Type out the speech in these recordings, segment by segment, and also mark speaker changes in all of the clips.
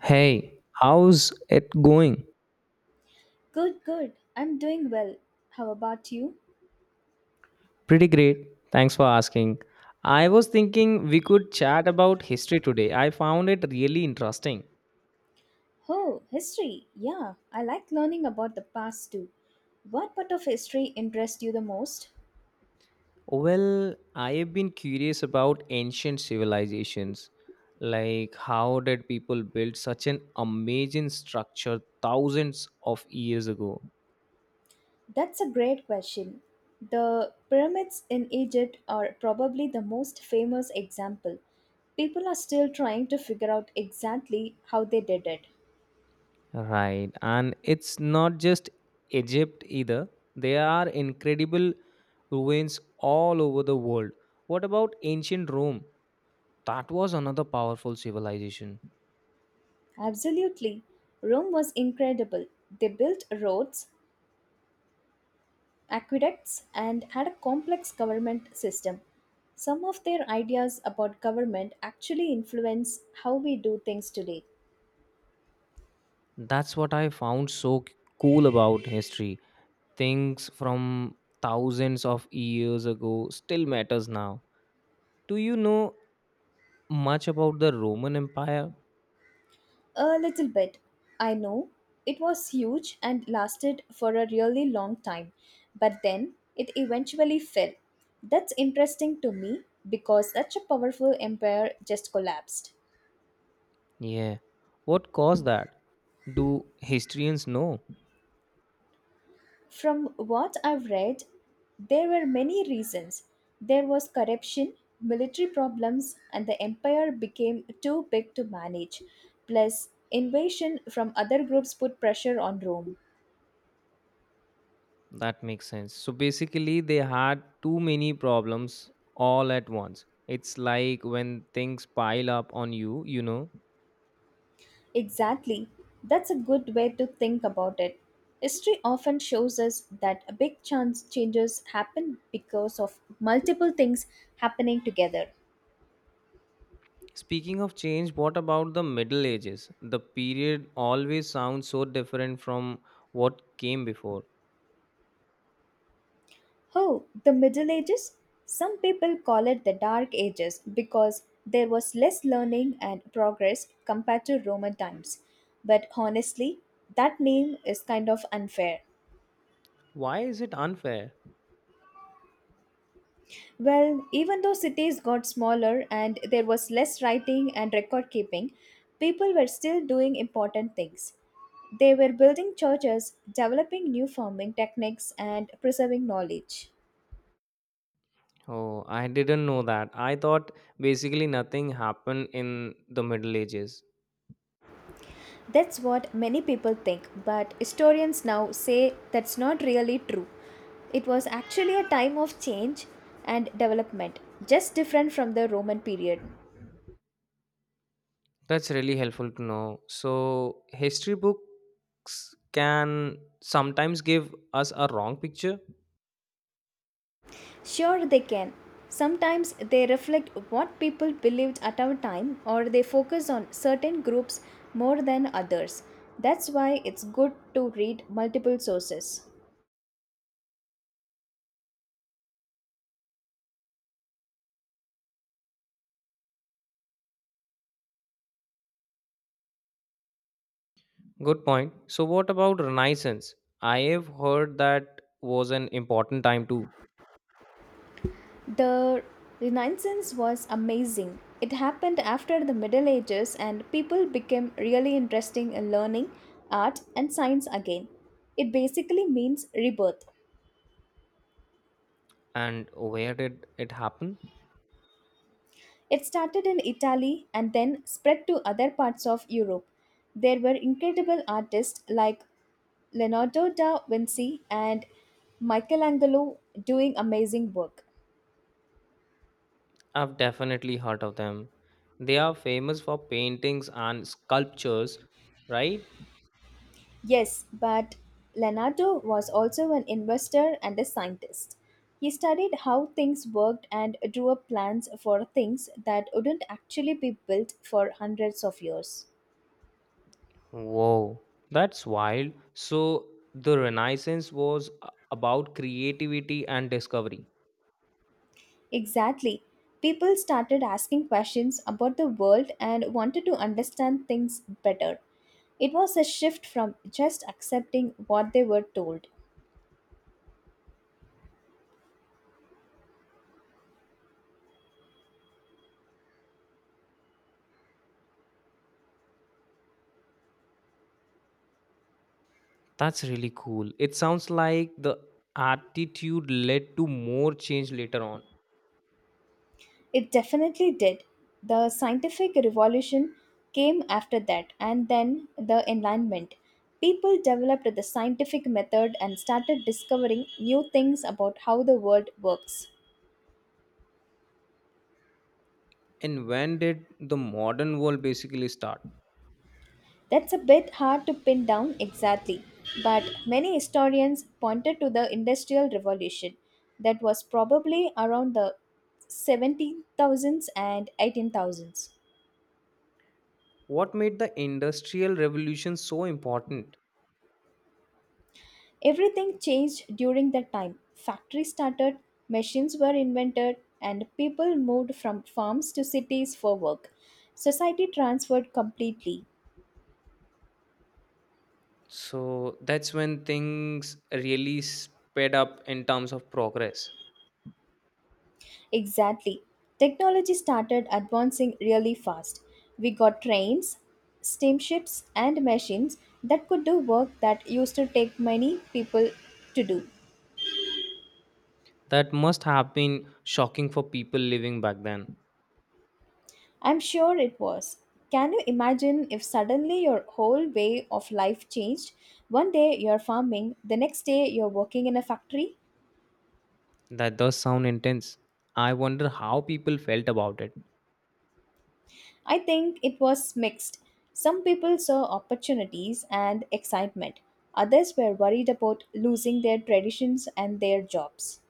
Speaker 1: Hey, how's it going?
Speaker 2: Good, good. I'm doing well. How about you?
Speaker 1: Pretty great. Thanks for asking. I was thinking we could chat about history today. I found it really interesting.
Speaker 2: Oh, history. Yeah, I like learning about the past too. What part of history interests you the most?
Speaker 1: Well, I have been curious about ancient civilizations. Like, how did people build such an amazing structure thousands of years ago?
Speaker 2: That's a great question. The pyramids in Egypt are probably the most famous example. People are still trying to figure out exactly how they did it.
Speaker 1: Right. And it's not just Egypt either. There are incredible ruins all over the world. What about ancient Rome? That was another powerful civilization.
Speaker 2: Absolutely. Rome was incredible. They built roads, aqueducts and had a complex government system. Some of their ideas about government actually influence how we do things today.
Speaker 1: That's what I found so cool about history. Things from thousands of years ago still matters now. Do you know much about the Roman Empire?
Speaker 2: A little bit. I know it was huge and lasted for a really long time, but then it eventually fell. That's interesting to me because such a powerful empire just collapsed.
Speaker 1: Yeah. What caused that? Do historians know?
Speaker 2: From what I've read, there were many reasons. There was corruption, military problems, and the empire became too big to manage. Plus, invasion from other groups put pressure on Rome.
Speaker 1: That makes sense. So basically, they had too many problems all at once. It's like when things pile up on you, you know.
Speaker 2: Exactly. That's a good way to think about it. History often shows us that big chance changes happen because of multiple things happening together.
Speaker 1: Speaking of change, what about the Middle Ages? The period always sounds so different from what came before.
Speaker 2: Oh, the Middle Ages? Some people call it the Dark Ages because there was less learning and progress compared to Roman times. But honestly, that name is kind of unfair.
Speaker 1: Why is it unfair?
Speaker 2: Well, even though cities got smaller and there was less writing and record keeping, people were still doing important things. They were building churches, developing new farming techniques, and preserving knowledge.
Speaker 1: Oh, I didn't know that. I thought basically nothing happened in the Middle Ages.
Speaker 2: That's what many people think, but historians now say that's not really true. It was actually a time of change and development, just different from the Roman period.
Speaker 1: That's really helpful to know. So, history books can sometimes give us a wrong picture.
Speaker 2: Sure, they can. Sometimes they reflect what people believed at our time, or they focus on certain groups more than others. That's why it's good to read multiple sources.
Speaker 1: Good point. So, what about Renaissance? I have heard that was an important time too.
Speaker 2: The Renaissance was amazing. It happened after the Middle Ages and people became really interested in learning art and science again. It basically means rebirth.
Speaker 1: And where did it happen?
Speaker 2: It started in Italy and then spread to other parts of Europe. There were incredible artists like Leonardo da Vinci and Michelangelo doing amazing work.
Speaker 1: I've definitely heard of them. They are famous for paintings and sculptures, right?
Speaker 2: Yes, but Leonardo was also an investor and a scientist. He studied how things worked and drew up plans for things that wouldn't actually be built for hundreds of years.
Speaker 1: Whoa, that's wild. So, the about creativity and discovery.
Speaker 2: Exactly. People started asking questions about the world and wanted to understand things better. It was a shift from just accepting what they were told.
Speaker 1: That's really cool. It sounds like the attitude led to more change later on.
Speaker 2: It definitely did. The scientific revolution came after that, and then the enlightenment. People developed the scientific method and started discovering new things about how the world works.
Speaker 1: And when did the modern world basically start?
Speaker 2: That's a bit hard to pin down exactly, but many historians pointed to the Industrial Revolution that was probably around the 17,000s and 18,000s.
Speaker 1: What made the industrial revolution so important?
Speaker 2: Everything changed during that time. Factories started, machines were invented, and people moved from farms to cities for work. Society transferred completely.
Speaker 1: So that's when things really sped up in terms of progress.
Speaker 2: Exactly. Technology started advancing really fast. We got trains, steamships, and machines that could do work that used to take many people to do.
Speaker 1: That must have been shocking for people living back then.
Speaker 2: I'm sure it was. Can you imagine if suddenly your whole way of life changed? One day you're farming, the next day you're working in a factory?
Speaker 1: That does sound intense. I wonder how people felt about it.
Speaker 2: I think it was mixed. Some people saw opportunities and excitement, others were worried about losing their traditions and their jobs.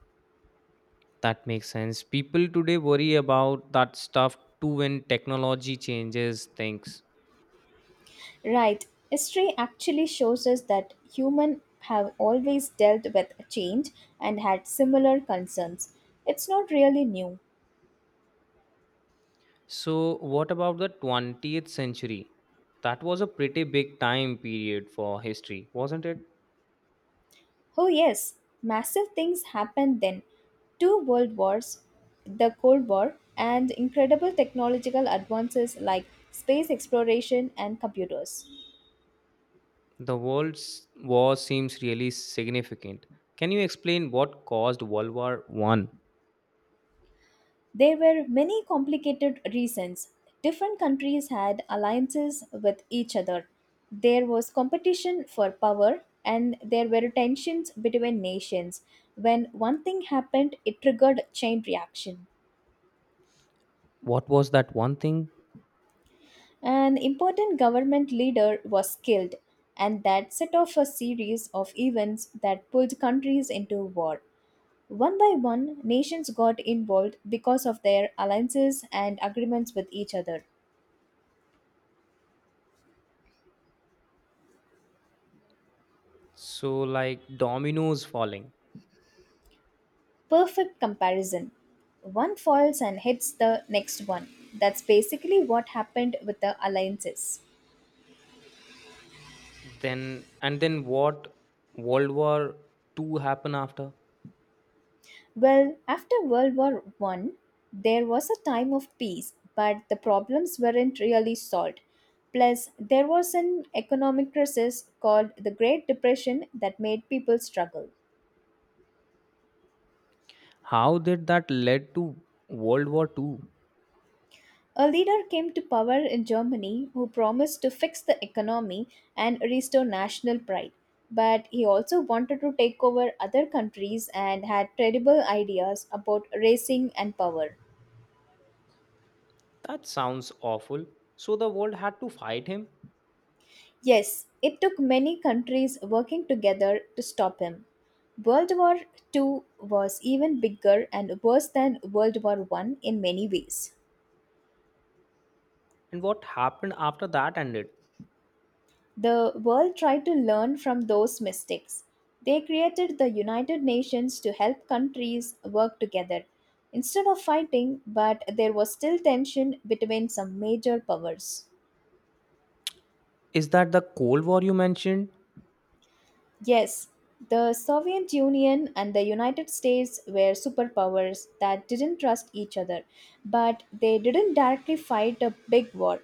Speaker 1: That makes sense. People today worry about that stuff too when technology changes things.
Speaker 2: Right, history actually shows us that humans have always dealt with change and had similar concerns. It's not really new.
Speaker 1: So, what about the 20th century? That was a pretty big time period for history, wasn't it?
Speaker 2: Oh, yes, massive things happened then. Two world wars, the Cold War, and incredible technological advances like space exploration and computers.
Speaker 1: The world's war seems really significant. Can you explain what caused World War One?
Speaker 2: There were many complicated reasons. Different countries had alliances with each other. There was competition for power, and there were tensions between nations. When one thing happened, it triggered chain reaction.
Speaker 1: What was that one thing?
Speaker 2: An important government leader was killed, and that set off a series of events that pulled countries into war. One by one, nations got involved because of their alliances and agreements with each other.
Speaker 1: So like dominoes falling.
Speaker 2: Perfect comparison. One falls and hits the next one. That's basically what happened with the alliances.
Speaker 1: Then what World War Two happened after?
Speaker 2: Well, after World War I, there was a time of peace, but the problems weren't really solved. Plus, there was an economic crisis called the Great Depression that made people struggle.
Speaker 1: How did that led to World War Two?
Speaker 2: A leader came to power in Germany who promised to fix the economy and restore national pride. But he also wanted to take over other countries and had terrible ideas about racing and power.
Speaker 1: That sounds awful. So the world had to fight him?
Speaker 2: Yes, it took many countries working together to stop him. World War II was even bigger and worse than World War I in many ways.
Speaker 1: And what happened after that ended?
Speaker 2: The world tried to learn from those mistakes. They created the United Nations to help countries work together instead of fighting, but there was still tension between some major powers.
Speaker 1: Is that the Cold War you mentioned?
Speaker 2: Yes, the Soviet Union and the United States were superpowers that didn't trust each other, but they didn't directly fight a big war.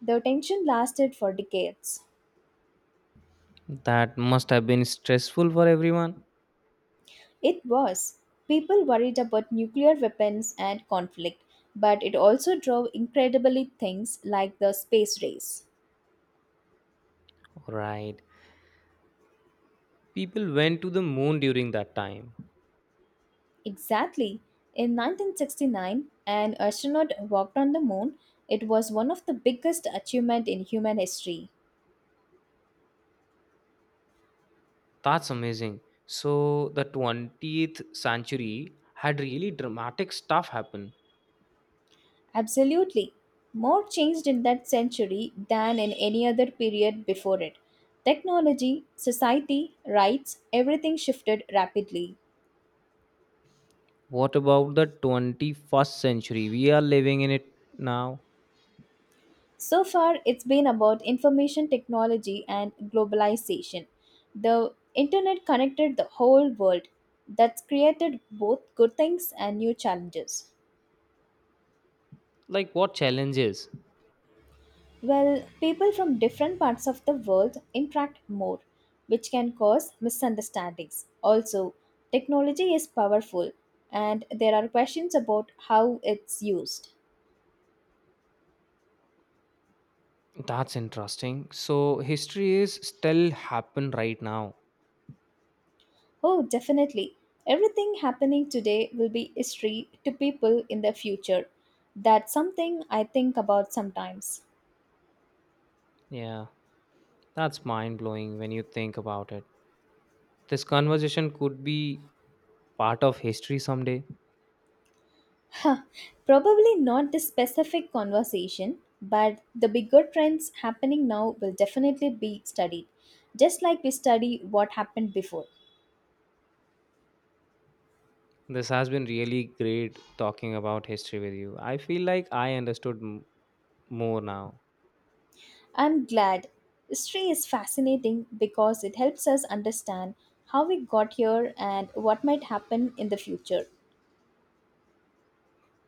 Speaker 2: The tension lasted for decades.
Speaker 1: That must have been stressful for everyone.
Speaker 2: It was. People worried about nuclear weapons and conflict, but it also drove incredibly things like the space race.
Speaker 1: Right. People went to the moon during that time.
Speaker 2: Exactly. In 1969, an astronaut walked on the moon. It was one of the biggest achievements in human history.
Speaker 1: That's amazing. So the 20th century had really dramatic stuff happen.
Speaker 2: Absolutely. More changed in that century than in any other period before it. Technology, society, rights, everything shifted rapidly.
Speaker 1: What about the 21st century? We are living in it now.
Speaker 2: So far, it's been about information technology and globalization. The internet connected the whole world. That's created both good things and new challenges.
Speaker 1: Like what challenges?
Speaker 2: Well, people from different parts of the world interact more, which can cause misunderstandings. Also, technology is powerful and there are questions about how it's used.
Speaker 1: That's interesting. So history is still happen right now.
Speaker 2: Oh, definitely. Everything happening today will be history to people in the future. That's something I think about sometimes.
Speaker 1: Yeah, that's mind blowing when you think about it. This conversation could be part of history someday.
Speaker 2: Huh, probably not this specific conversation, but the bigger trends happening now will definitely be studied, just like we study what happened before.
Speaker 1: This has been really great talking about history with you. I feel like I understood more now.
Speaker 2: I'm glad. History is fascinating because it helps us understand how we got here and what might happen in the future.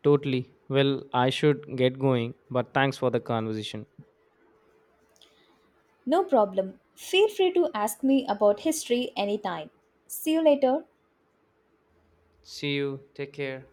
Speaker 1: Totally. Well, I should get going, but thanks for the conversation.
Speaker 2: No problem. Feel free to ask me about history anytime. See you later.
Speaker 1: See you. Take care.